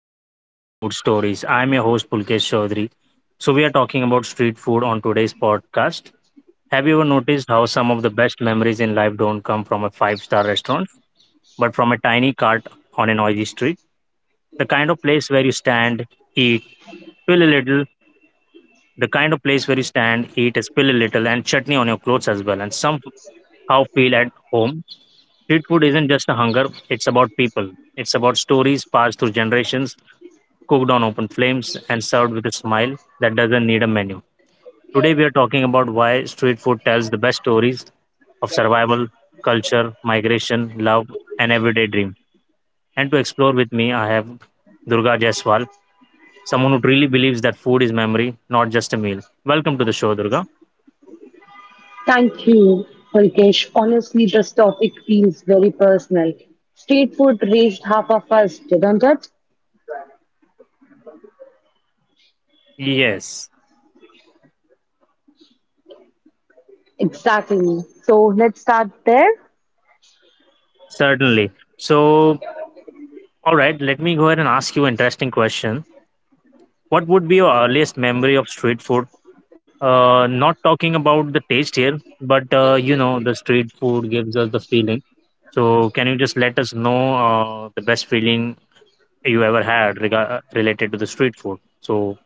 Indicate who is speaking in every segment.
Speaker 1: podcast Street Food Stories. I'm your host, Pulkesh Chaudhary. So, we are talking about street food on today's podcast. Have you ever noticed how some of the best memories in life don't come from a five-star restaurant, but from a tiny cart on a noisy street? The kind of place where you stand, eat, spill a little, the kind of place where you stand, eat, spill a little, and chutney on your clothes as well, and somehow feel at home. Street food isn't just a hunger, it's about people. It's about stories passed through generations, cooked on open flames, and served with a smile that doesn't need a menu. Today, we are talking about why street food tells the best stories of survival, culture, migration, love, and everyday dream. And to explore with me, I have Durga Jaiswal, someone who really believes that food is memory, not just a meal. Welcome to the show, Durga.
Speaker 2: Thank you, Pulkesh. Honestly, this topic feels very personal. Street food raised half of us, didn't it?
Speaker 1: Yes,
Speaker 2: Exactly. So let's start there.
Speaker 1: certainly. So, all right, let me go ahead and ask you an interesting question. What would be your earliest memory of street food? Not talking about the taste here, but the street food gives us the feeling. So, can you just let us know the best feeling you ever had related to the street food? So,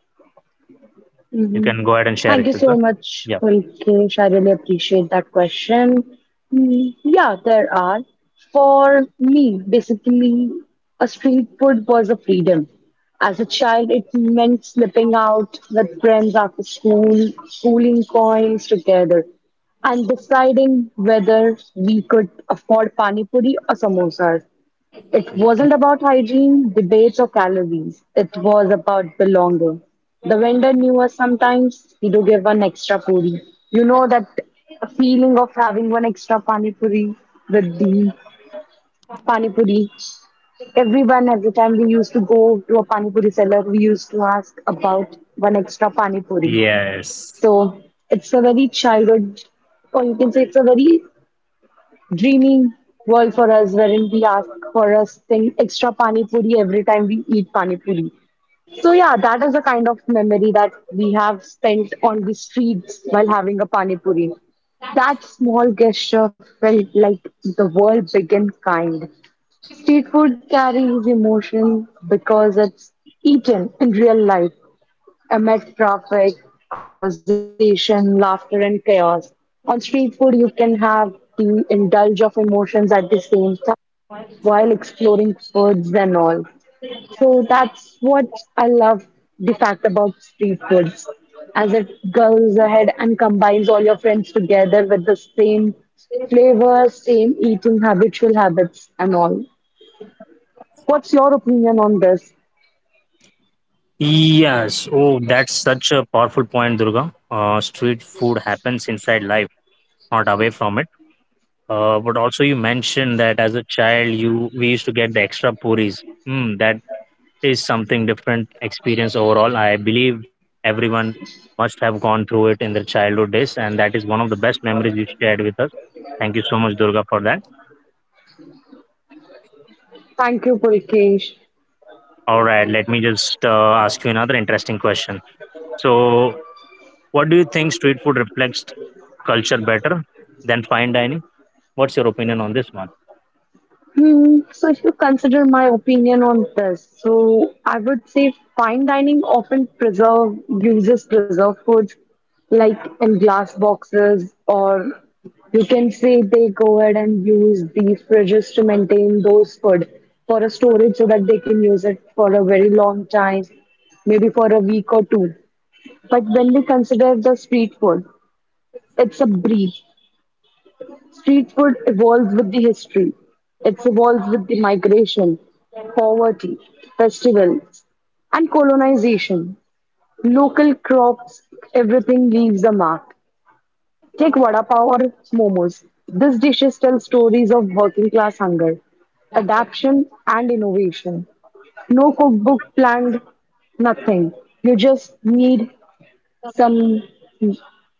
Speaker 1: you can go ahead and share
Speaker 2: Thank
Speaker 1: it
Speaker 2: you
Speaker 1: with
Speaker 2: so
Speaker 1: us.
Speaker 2: much,
Speaker 1: Yeah.
Speaker 2: Pulkesh. I really appreciate that question. Yeah, there are. For me, basically, a street food was a freedom. As a child, it meant slipping out with friends after school, pooling coins together, and deciding whether we could afford pani puri or samosas. It
Speaker 1: Mm.
Speaker 2: wasn't about hygiene, debates, or calories. It was about belonging. The vendor knew us sometimes. He'd give one extra puri. You know that feeling of having one extra pani puri with the pani puri. Everyone, every time we used to go to a pani puri seller, we used to ask about one extra pani puri.
Speaker 1: Yes.
Speaker 2: So it's a very childhood, or you can say it's a very dreamy world for us wherein we ask for us thing extra pani puri every time we eat pani puri. So yeah, that is the kind of memory that we have spent on the streets while having a pani puri. That small gesture felt like the world began kind. Street food carries emotion because it's eaten in real life, amid traffic, conversation, laughter, and chaos. On street food, you can have the indulge of emotions at the same time while exploring foods and all. So that's what I love the fact about street foods, as it goes ahead and combines all your friends together with the same flavor, same eating habitual habits and all. What's your opinion on this?
Speaker 1: Yes. Oh, that's such a powerful point, Durga. Street food happens inside life, not away from it. But also, you mentioned that as a child you we used to get the extra puris. That is something different experience overall. I believe everyone must have gone through it in their childhood days, and that is one of the best memories you shared with us. Thank you so much, Durga, for that.
Speaker 2: Thank you, Pulkesh.
Speaker 1: All right, let me just ask you another interesting question. So, what do you think street food reflects culture better than fine dining? What's your opinion on this one?
Speaker 2: Hmm, so if you consider my opinion on this, so I would say fine dining often preserve uses preserved foods like in glass boxes, or you can say they go ahead and use the fridges to maintain those food for a storage so that they can use it for a very long time, maybe for a week or two. But when we consider the street food, it's a breeze. Street food evolves with the history. It evolves with the migration, poverty, festivals, and colonization. Local crops, everything leaves a mark. Take vada pav or momos. These dishes tell stories of working class hunger, adaptation, and innovation. No cookbook planned, nothing. You just need some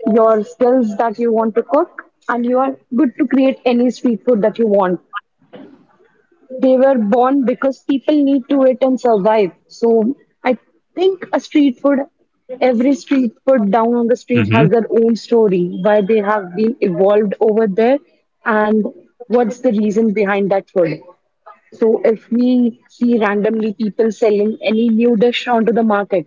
Speaker 2: your skills that you want to cook and you are good to create any street food that you want. They were born because people need to eat and survive. So I think a street food, every street food down on the street
Speaker 1: Mhm.
Speaker 2: has their own story why they have been evolved over there and what's the reason behind that food. So if we see randomly people selling any new dish onto the market,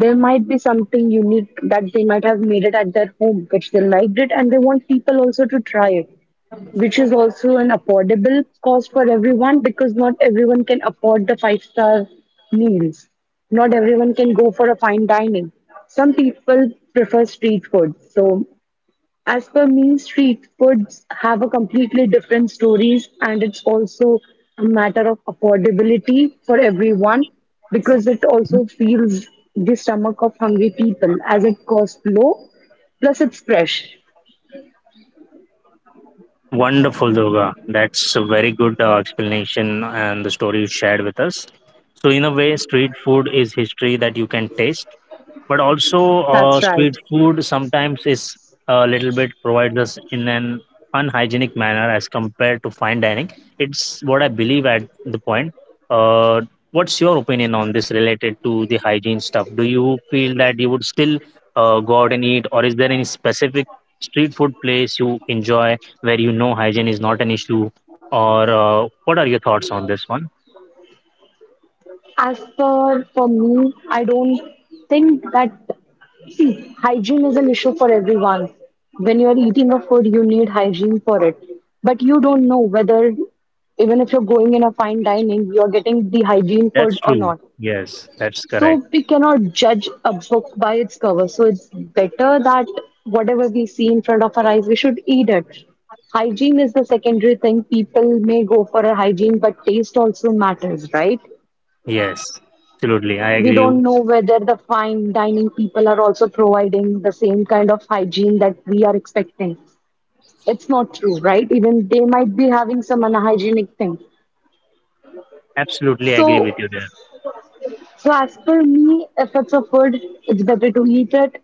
Speaker 2: there might be something unique that they might have made it at their home, which they liked it, and they want people also to try it, which is also an affordable cost for everyone because not everyone can afford the five-star meals. Not everyone can go for a fine dining. Some people prefer street food. So as for me, street foods have a completely different stories, and it's also a matter of affordability for everyone because it also feels the stomach of hungry people as it costs low, plus it's fresh.
Speaker 1: Wonderful, Durga. That's a very good explanation and the story you shared with us. So, in a way, street food is history that you can taste, but also
Speaker 2: That's
Speaker 1: street
Speaker 2: right.
Speaker 1: food sometimes is a little bit provides us in an unhygienic manner as compared to fine dining. It's what I believe at the point. uh, what's your opinion on this related to the hygiene stuff? Do you feel that you would still go out and eat, or is there any specific street food place you enjoy where you know hygiene is not an issue? Or what are your thoughts on this one?
Speaker 2: As for me, I don't think that hygiene is an issue for everyone. When you're eating a food, you need hygiene for it. But you don't know whether, even if you're going in a fine dining, you're getting the hygiene
Speaker 1: That's
Speaker 2: food or
Speaker 1: true.
Speaker 2: not.
Speaker 1: Yes, that's correct.
Speaker 2: So we cannot judge a book by its cover. So it's better that whatever we see in front of our eyes, we should eat it. Hygiene is the secondary thing. People may go for a hygiene, but taste also matters, right?
Speaker 1: Yes. Absolutely, I
Speaker 2: We
Speaker 1: agree.
Speaker 2: don't know whether the fine dining people are also providing the same kind of hygiene that we are expecting. It's not true, right? Even they might be having some unhygienic thing.
Speaker 1: Absolutely agree
Speaker 2: So,
Speaker 1: with you there.
Speaker 2: so as per me, if it's a food, it's better to eat it.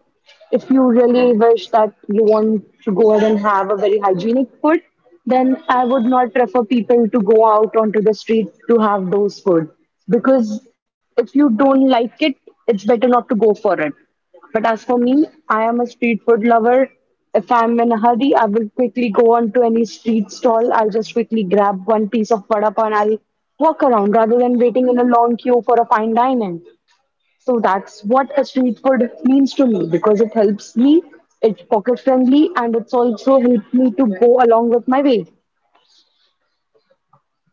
Speaker 2: If you really wish that you want to go ahead and have a very hygienic food, then I would not prefer people to go out onto the street to have those food because if you don't like it, it's better not to go for it. But as for me, I am a street food lover. If I'm in a hurry, I will quickly go on to any street stall. I'll just quickly grab one piece of vada pav and I'll walk around rather than waiting in a long queue for a fine dining. So that's what a street food means to me because it helps me, it's pocket friendly, and it's also helped me to go along with my way.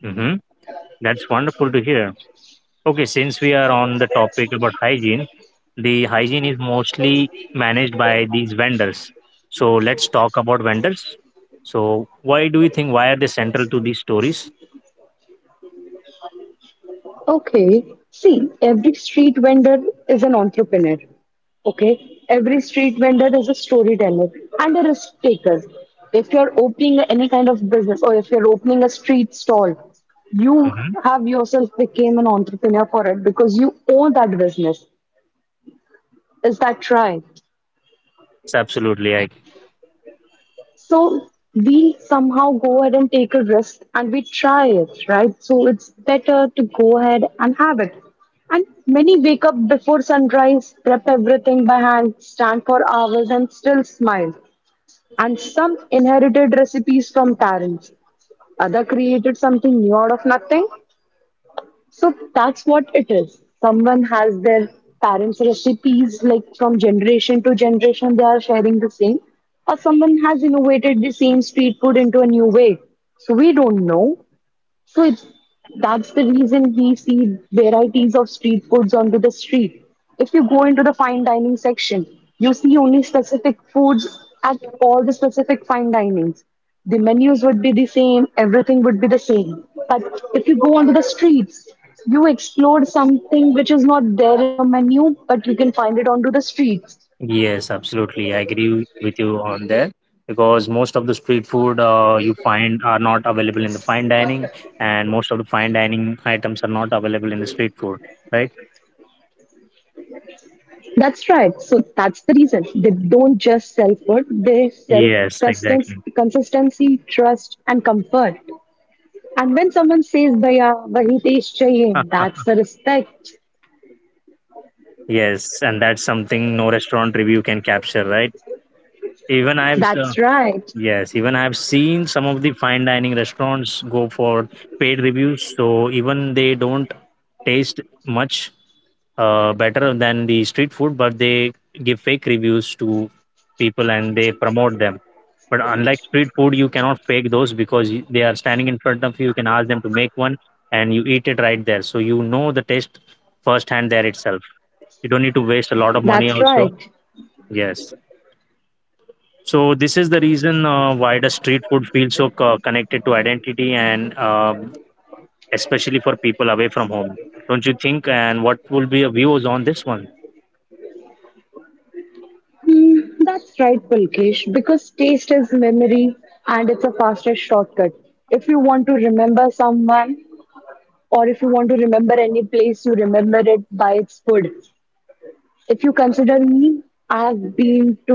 Speaker 1: Hmm. That's wonderful to hear. Okay, since we are on the topic about hygiene, the hygiene is mostly managed by these vendors. So let's talk about vendors. So why do you think, why are they central to these stories?
Speaker 2: Okay. See, every street vendor is an entrepreneur. Okay. Every street vendor is a storyteller and a risk taker. If you're opening any kind of business or if you're opening a street stall, you
Speaker 1: Hmm.
Speaker 2: have yourself became an entrepreneur for it because you own that business. Is that right?
Speaker 1: Yes, absolutely, I.
Speaker 2: So we somehow go ahead and take a risk and we try it, right? So it's better to go ahead and have it. And many wake up before sunrise, prep everything by hand, stand for hours and still smile. And some inherited recipes from parents. Other created something new out of nothing. So that's what it is. Someone has their parents' recipes, like from generation to generation, they are sharing the same, or someone has innovated the same street food into a new way. So we don't know. So it's, that's the reason we see varieties of street foods onto the street. If you go into the fine dining section, you see only specific foods at all the specific fine dinings. The menus would be the same, everything would be the same. But if you go onto the streets, you explore something which is not there in your menu, but you can find it onto the streets.
Speaker 1: Yes, absolutely, I agree with you on there, because most of the street food you find are not available in the fine dining, and most of the fine dining items are not available in the street food, right?
Speaker 2: That's right. So that's the reason they don't just sell food, they sell
Speaker 1: Yes, exactly.
Speaker 2: consistency, trust, and comfort. And when someone says, Bhaiya, wahi taste chahiye, that's the respect.
Speaker 1: Yes, and that's something no restaurant review can capture, right? Even I've
Speaker 2: That's right.
Speaker 1: Yes, even I've seen some of the fine dining restaurants go for paid reviews, so even they don't taste much better than the street food, but they give fake reviews to people and they promote them. But unlike street food, you cannot fake those because they are standing in front of you. You can ask them to make one, and you eat it right there, so you know the taste firsthand there itself. You don't need to waste a lot of
Speaker 2: That's
Speaker 1: money
Speaker 2: right.
Speaker 1: also. Yes. So this is the reason why the street food feels so connected to identity, and especially for people away from home, don't you think? And what will be your views on this one?
Speaker 2: Hmm, that's right, Pulkesh, because taste is memory and it's a fastest shortcut. If you want to remember someone or if you want to remember any place, you remember it by its food. If you consider me, I've been to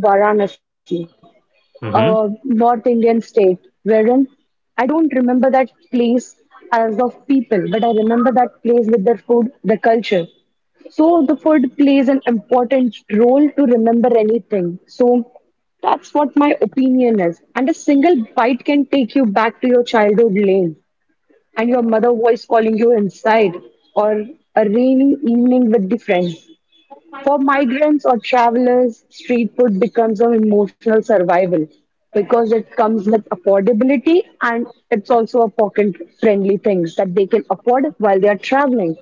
Speaker 2: Varanasi, a
Speaker 1: Mm-hmm.
Speaker 2: North Indian state, wherein I don't remember that place as of people, but I remember that place with their food, the culture. So the food plays an important role to remember anything. So that's what my opinion is. And a single bite can take you back to your childhood lane and your mother voice calling you inside or a rainy evening with the friends. For migrants or travelers, street food becomes an emotional survival because it comes with affordability and it's also a pocket friendly things that they can afford while they are traveling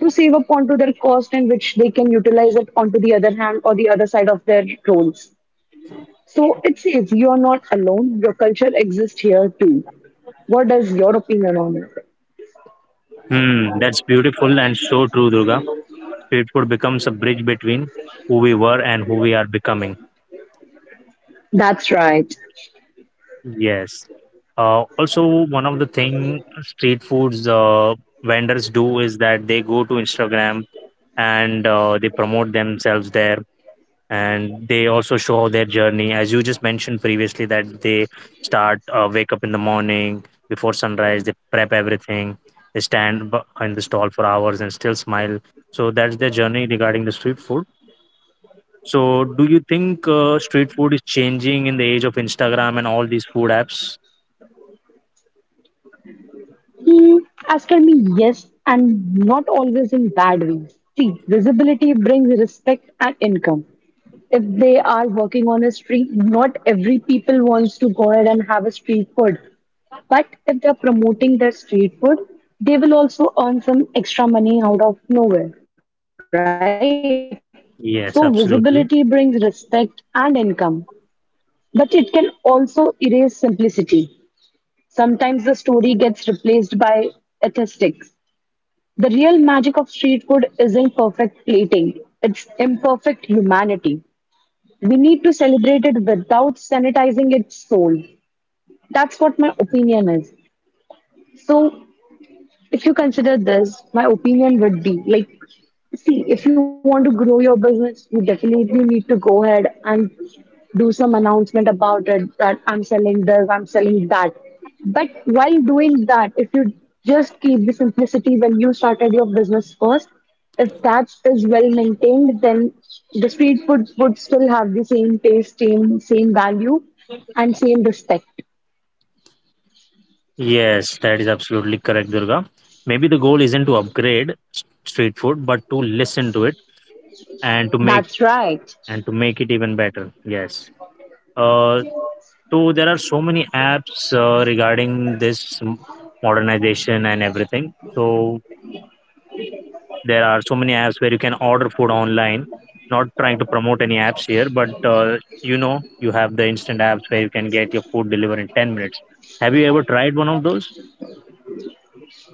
Speaker 2: to save up onto their cost and which they can utilize it onto the other hand or the other side of their roles. So it says you are not alone, your culture exists here too. What is your opinion on it?
Speaker 1: That's beautiful and so true, Durga. Street food becomes a bridge between who we were and who we are becoming.
Speaker 2: That's right.
Speaker 1: Yes. Also, one of the thing street foods vendors do is that they go to Instagram, and they promote themselves there, and they also show their journey. As you just mentioned previously, that they start wake up in the morning before sunrise, they prep everything, they stand in the stall for hours and still smile. So that's their journey regarding the street food. So, do you think street food is changing in the age of Instagram and all these food apps?
Speaker 2: Mm, As for me, yes, and not always in bad ways. See, visibility brings respect and income. If they are working on a street, not every people wants to go ahead and have a street food. But if they're promoting their street food, they will also earn some extra money out of nowhere, right? So visibility brings
Speaker 1: Yes,
Speaker 2: respect
Speaker 1: absolutely.
Speaker 2: and income, but it can also erase simplicity. Sometimes the story gets replaced by aesthetics. The real magic of street food isn't perfect plating, it's imperfect humanity. We need to celebrate it without sanitizing its soul. That's what my opinion is. So, if you consider this, my opinion would be like, see, if you want to grow your business, you definitely need to go ahead and do some announcement about it that I'm selling this, I'm selling that. But while doing that, if you just keep the simplicity when you started your business first, if that is well maintained, then the street food would still have the same taste, same value, and same respect.
Speaker 1: Yes, that is absolutely correct, Durga. Maybe the goal isn't to upgrade street food, but to listen to it, and to make,
Speaker 2: That's right.
Speaker 1: and to make it even better. Yes. Uh, so there are so many apps regarding this modernization and everything. So there are so many apps where you can order food online. Not trying to promote any apps here, but you know you have the instant apps where you can get your food delivered in 10 minutes. Have you ever tried one of those?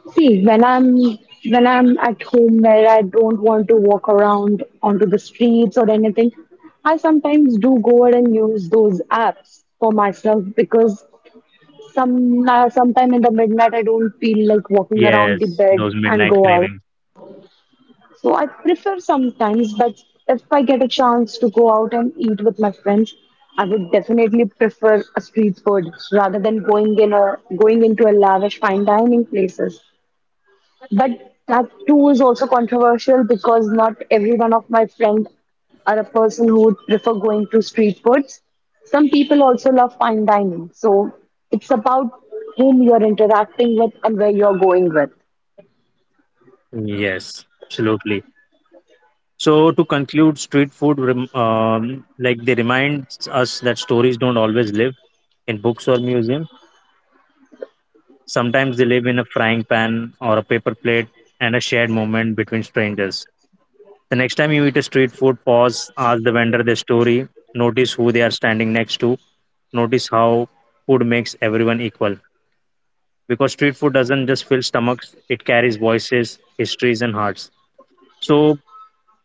Speaker 2: See, when I'm at home where I don't want to walk around onto the streets or anything, I sometimes do go ahead and use those apps for myself because some sometime in the midnight I don't feel like walking around the
Speaker 1: Yes,
Speaker 2: bed
Speaker 1: those
Speaker 2: and
Speaker 1: midnight
Speaker 2: go out.
Speaker 1: cravings.
Speaker 2: So I prefer sometimes, but if I get a chance to go out and eat with my friends, I would definitely prefer a street food rather than going into a lavish fine dining places. But that too is also controversial because not every one of my friends are a person who would prefer going to street foods. Some people also love fine dining. So it's about whom you're interacting with and where you're going with.
Speaker 1: Yes, absolutely. So to conclude, street food, like they remind us that stories don't always live in books or museums. Sometimes they live in a frying pan or a paper plate and a shared moment between strangers. The next time you eat a street food, pause, ask the vendor their story, notice who they are standing next to, notice how food makes everyone equal. Because street food doesn't just fill stomachs, it carries voices, histories, and hearts. So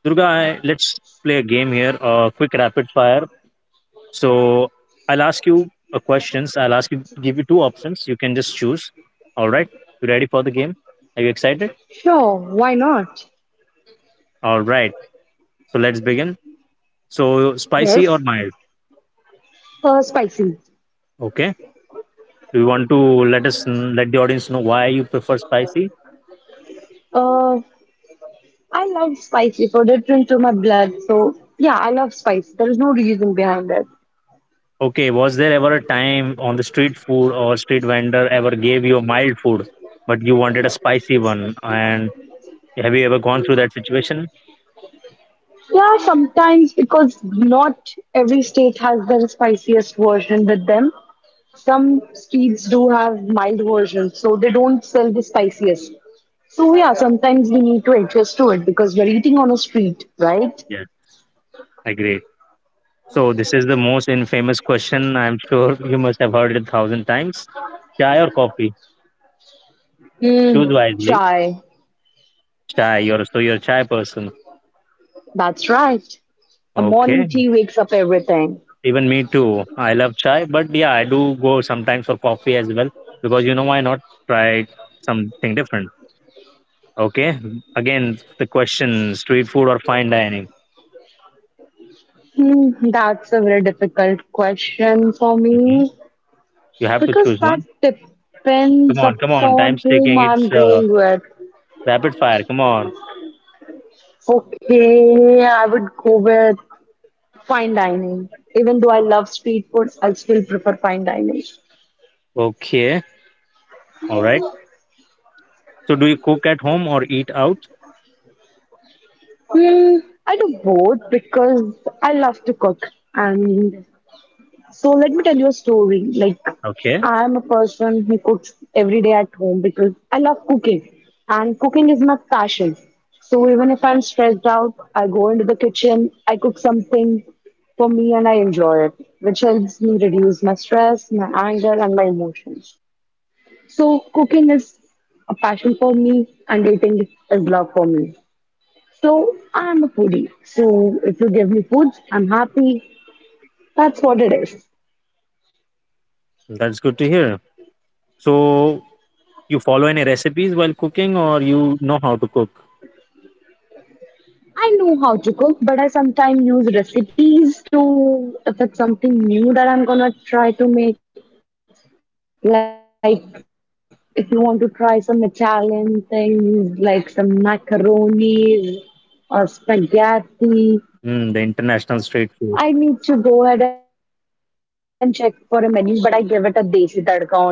Speaker 1: Durga, let's play a game here, a quick rapid fire. So I'll ask you questions. I'll ask you, give you two options. You can just choose. All right. You ready for the game? Are you excited?
Speaker 2: Sure, why not?
Speaker 1: All right. So let's begin. So spicy or
Speaker 2: Yes,
Speaker 1: mild?
Speaker 2: spicy.
Speaker 1: Okay. Do you want to let the audience know why you prefer spicy?
Speaker 2: Uh, I love spicy food. It's into my blood. So yeah, I love spice. There is no reason behind it.
Speaker 1: Okay. Was there ever a time on the street food or street vendor ever gave you a mild food, but you wanted a spicy one? And have you ever gone through that situation?
Speaker 2: Yeah, sometimes because not every state has their spiciest version with them. Some streets do have mild versions, so they don't sell the spiciest. So yeah, sometimes we need to adjust to it because we're eating on a street, right?
Speaker 1: Yeah. Agree. So this is the most infamous question. I'm sure you must have heard it a thousand times. Chai or coffee?
Speaker 2: Hmm,
Speaker 1: Choose wisely.
Speaker 2: chai.
Speaker 1: Chai. You're a chai person.
Speaker 2: That's right. A morning
Speaker 1: Okay.
Speaker 2: tea wakes up everything.
Speaker 1: Even me too. I love chai, but yeah, I do go sometimes for coffee as well, because why not try something different. Okay. Again, the question: street food or fine dining?
Speaker 2: Hmm, that's a very difficult question for
Speaker 1: Hmm.
Speaker 2: me
Speaker 1: You have to
Speaker 2: because
Speaker 1: choose
Speaker 2: that
Speaker 1: one. Come
Speaker 2: depends
Speaker 1: on, come on.
Speaker 2: upon
Speaker 1: Time's
Speaker 2: whom
Speaker 1: taking.
Speaker 2: I'm
Speaker 1: It's
Speaker 2: going with.
Speaker 1: rapid fire. Come on.
Speaker 2: Okay, I would go with fine dining. Even though I love street food, I still prefer fine dining.
Speaker 1: Okay. All right. So do you cook at home or eat out?
Speaker 2: Hmm, I do both because I love to cook. And so let me tell you a story. Like,
Speaker 1: Okay.
Speaker 2: I'm a person who cooks every day at home because I love cooking. And cooking is my passion. So even if I'm stressed out, I go into the kitchen, I cook something for me and I enjoy it, which helps me reduce my stress, my anger, and my emotions. So cooking is a passion for me and dating is love for me. So I'm a foodie. So if you give me food, I'm happy. That's what it is.
Speaker 1: That's good to hear. So, you follow any recipes while cooking, or you know how to cook?
Speaker 2: I know how to cook, but I sometimes use recipes to if it's something new that I'm gonna try to make. Like if you want to try some Italian things, like some macaronis or spaghetti,
Speaker 1: Mm,
Speaker 2: I
Speaker 1: the
Speaker 2: need to
Speaker 1: international
Speaker 2: go ahead
Speaker 1: street
Speaker 2: and check
Speaker 1: food.
Speaker 2: for a menu, but I give it a desi tadka onto it. Yes, that's right.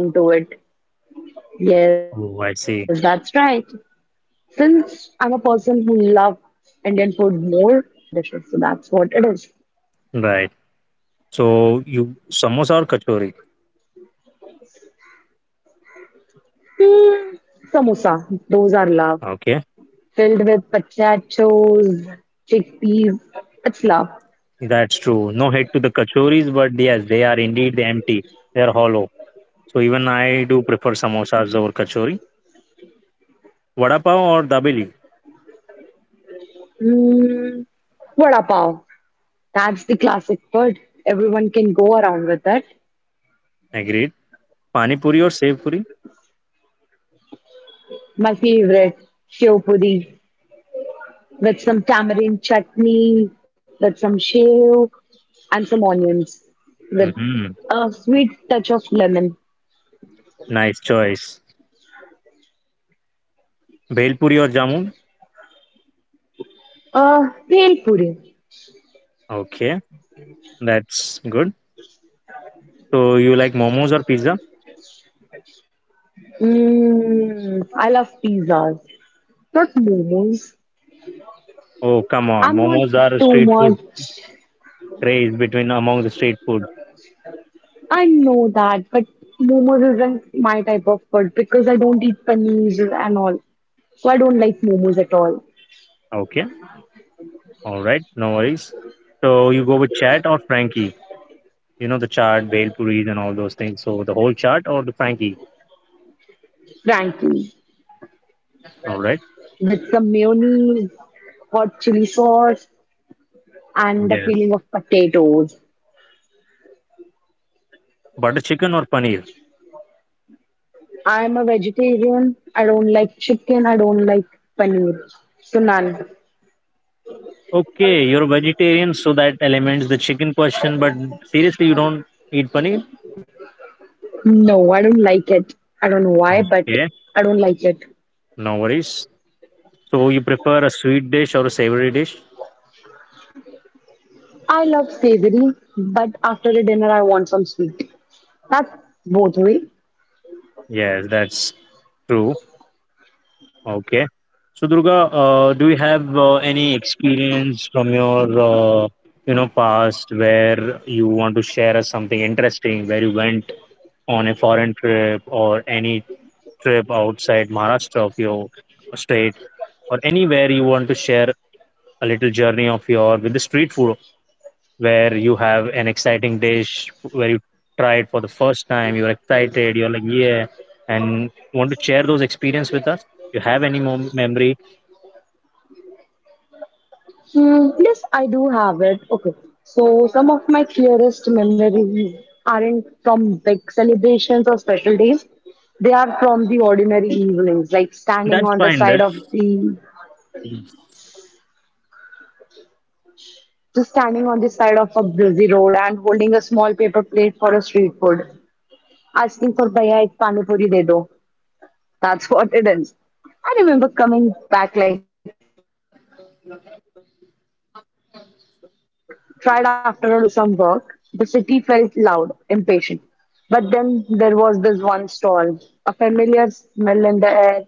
Speaker 2: Since I'm a person who loves
Speaker 1: Oh, I
Speaker 2: Indian
Speaker 1: see.
Speaker 2: food more, I give some desi tadka onto Italian dishes. So that's what it is.
Speaker 1: Right. So, you samosa or kachori?
Speaker 2: Samosa, those are love.
Speaker 1: Okay,
Speaker 2: Filled with potatoes, chickpeas. It's love.
Speaker 1: that's true. No hate to the kachoris, but yes, they are indeed empty. They are hollow. So, even I do prefer samosas over kachori. Vada pav or dabeli?
Speaker 2: Mm, vada pav. That's the classic word. Everyone can go around with it.
Speaker 1: Agreed. Pani puri or sev puri?
Speaker 2: My favorite, shew puri, with some tamarind chutney, with some shew, and some onions, with
Speaker 1: Mm-hmm.
Speaker 2: a sweet touch of lemon.
Speaker 1: Nice choice. Bhel puri or jamun?
Speaker 2: Pale puri.
Speaker 1: Okay, that's good. So, you like momos or pizza?
Speaker 2: Mmm, I love pizzas, not momos.
Speaker 1: Oh, come on.
Speaker 2: I'm not
Speaker 1: Momos are a
Speaker 2: too
Speaker 1: street food
Speaker 2: much.
Speaker 1: craze between among the street food.
Speaker 2: I know that, but momos isn't my type of food because I don't eat paneer and all. So I don't like momos at all,
Speaker 1: Okay. All right. No worries. So you go with chat or Frankie? You know the chart, bale puris, and all those things. So the whole chart or the Frankie?
Speaker 2: frankly.
Speaker 1: All right.
Speaker 2: With some mayonnaise, hot chili sauce, and the
Speaker 1: Yes.
Speaker 2: feeling of potatoes.
Speaker 1: Butter chicken or paneer?
Speaker 2: I'm a vegetarian. I don't like chicken. I don't like paneer. So none.
Speaker 1: Okay, you're a vegetarian, so that eliminates the chicken question. But seriously, you don't eat paneer?
Speaker 2: No, I don't like it. I don't know why, but
Speaker 1: Okay.
Speaker 2: I don't like it.
Speaker 1: No worries. So you prefer a sweet dish or a savory dish?
Speaker 2: I love savory, but after the dinner, I want some sweet. That's both way.
Speaker 1: Yes, that's true. Okay. So Durga, do you have any experience from your past, where you want to share us something interesting, where you went on a foreign trip or any trip outside Maharashtra of your state, or anywhere you want to share a little journey of your with the street food, where you have an exciting dish where you tried for the first time, you're excited, you're like yeah, and want to share those experience with us? You have any memory?
Speaker 2: Hmm, yes, I do have it. Okay. So some of my clearest memories aren't from big celebrations or special days. They are from the ordinary evenings, like standing
Speaker 1: That's
Speaker 2: on the
Speaker 1: fine.
Speaker 2: side of
Speaker 1: That's
Speaker 2: the
Speaker 1: Mm.
Speaker 2: just standing on the side of a busy road and holding a small paper plate for a street food, asking for bhaiya ek pani puri de do. That's what it is. I remember coming back like tired after a long day, sometimes after college or after some work. The city felt loud, impatient. But then there was this one stall, a familiar smell in the air,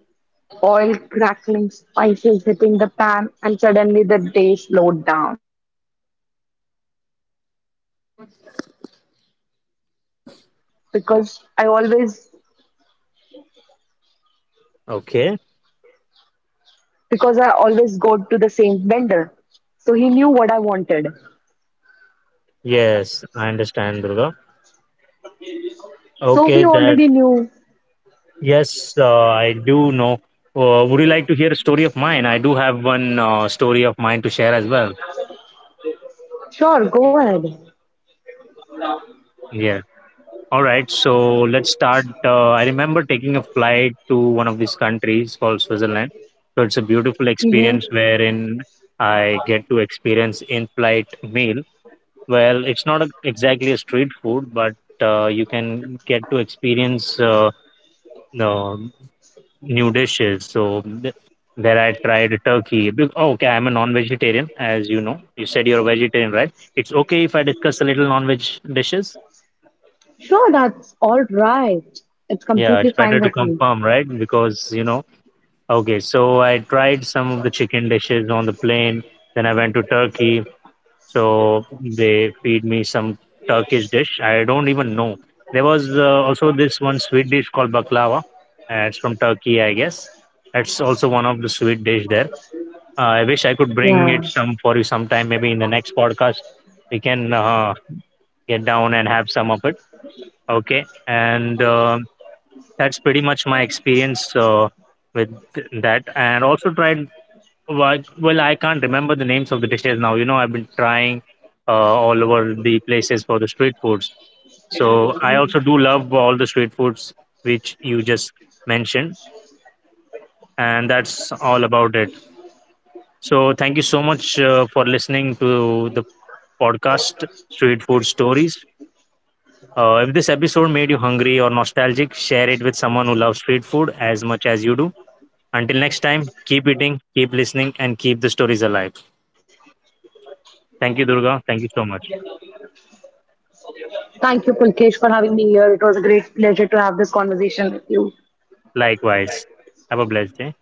Speaker 2: oil crackling, spices hitting the pan, and suddenly the day slowed down. So when he didn't ask many questions, he already knew what I wanted because I always
Speaker 1: okay.
Speaker 2: because I always go to the same vendor. So he knew what I wanted.
Speaker 1: Yes, I understand, Durga.
Speaker 2: So
Speaker 1: Okay,
Speaker 2: we
Speaker 1: that.
Speaker 2: already knew.
Speaker 1: Yes, I do know. Would you like to hear a story of mine? I do have one story of mine to share as well.
Speaker 2: Sure, go ahead.
Speaker 1: Yeah. All right. So let's start. I remember taking a flight to one of these countries called Switzerland. So it's a beautiful
Speaker 2: Mhm.
Speaker 1: experience wherein I get to experience in-flight meal. Well, it's not exactly a street food, but you can get to experience. No new dishes. So there I tried turkey. Oh, okay, I'm a non-vegetarian, as you know. You said you're a vegetarian, right? It's okay if I discuss a little non-veg dishes.
Speaker 2: Sure, that's all right. It's
Speaker 1: Yeah,
Speaker 2: completely
Speaker 1: it's
Speaker 2: fine
Speaker 1: better to
Speaker 2: with me.
Speaker 1: confirm, right? Because you know. Okay, so I tried some of the chicken dishes on the plane. Then I went to Turkey. So they feed me some Turkish dish. I don't even know. There was also this one sweet dish called baklava. It's from Turkey, I guess. It's also one of the sweet dish there. I wish I could bring it
Speaker 2: Yeah.
Speaker 1: some for you sometime. Maybe in the next podcast, we can get down and have some of it. Okay, and that's pretty much my experience with that. And also tried, like, well, I can't remember the names of the dishes now. You know, I've been trying uh, all over the places for the street foods. So I also do love all the street foods which you just mentioned, and that's all about it. So thank you so much for listening to the podcast, Street Food Stories. If this episode made you hungry or nostalgic, share it with someone who loves street food as much as you do. Until next time, keep eating, keep listening, and keep the stories alive. Thank you, Durga. Thank you so much.
Speaker 2: Thank you, Pulkesh, for having me here. It was a great pleasure to have this conversation with you.
Speaker 1: Likewise. Have a blessed day.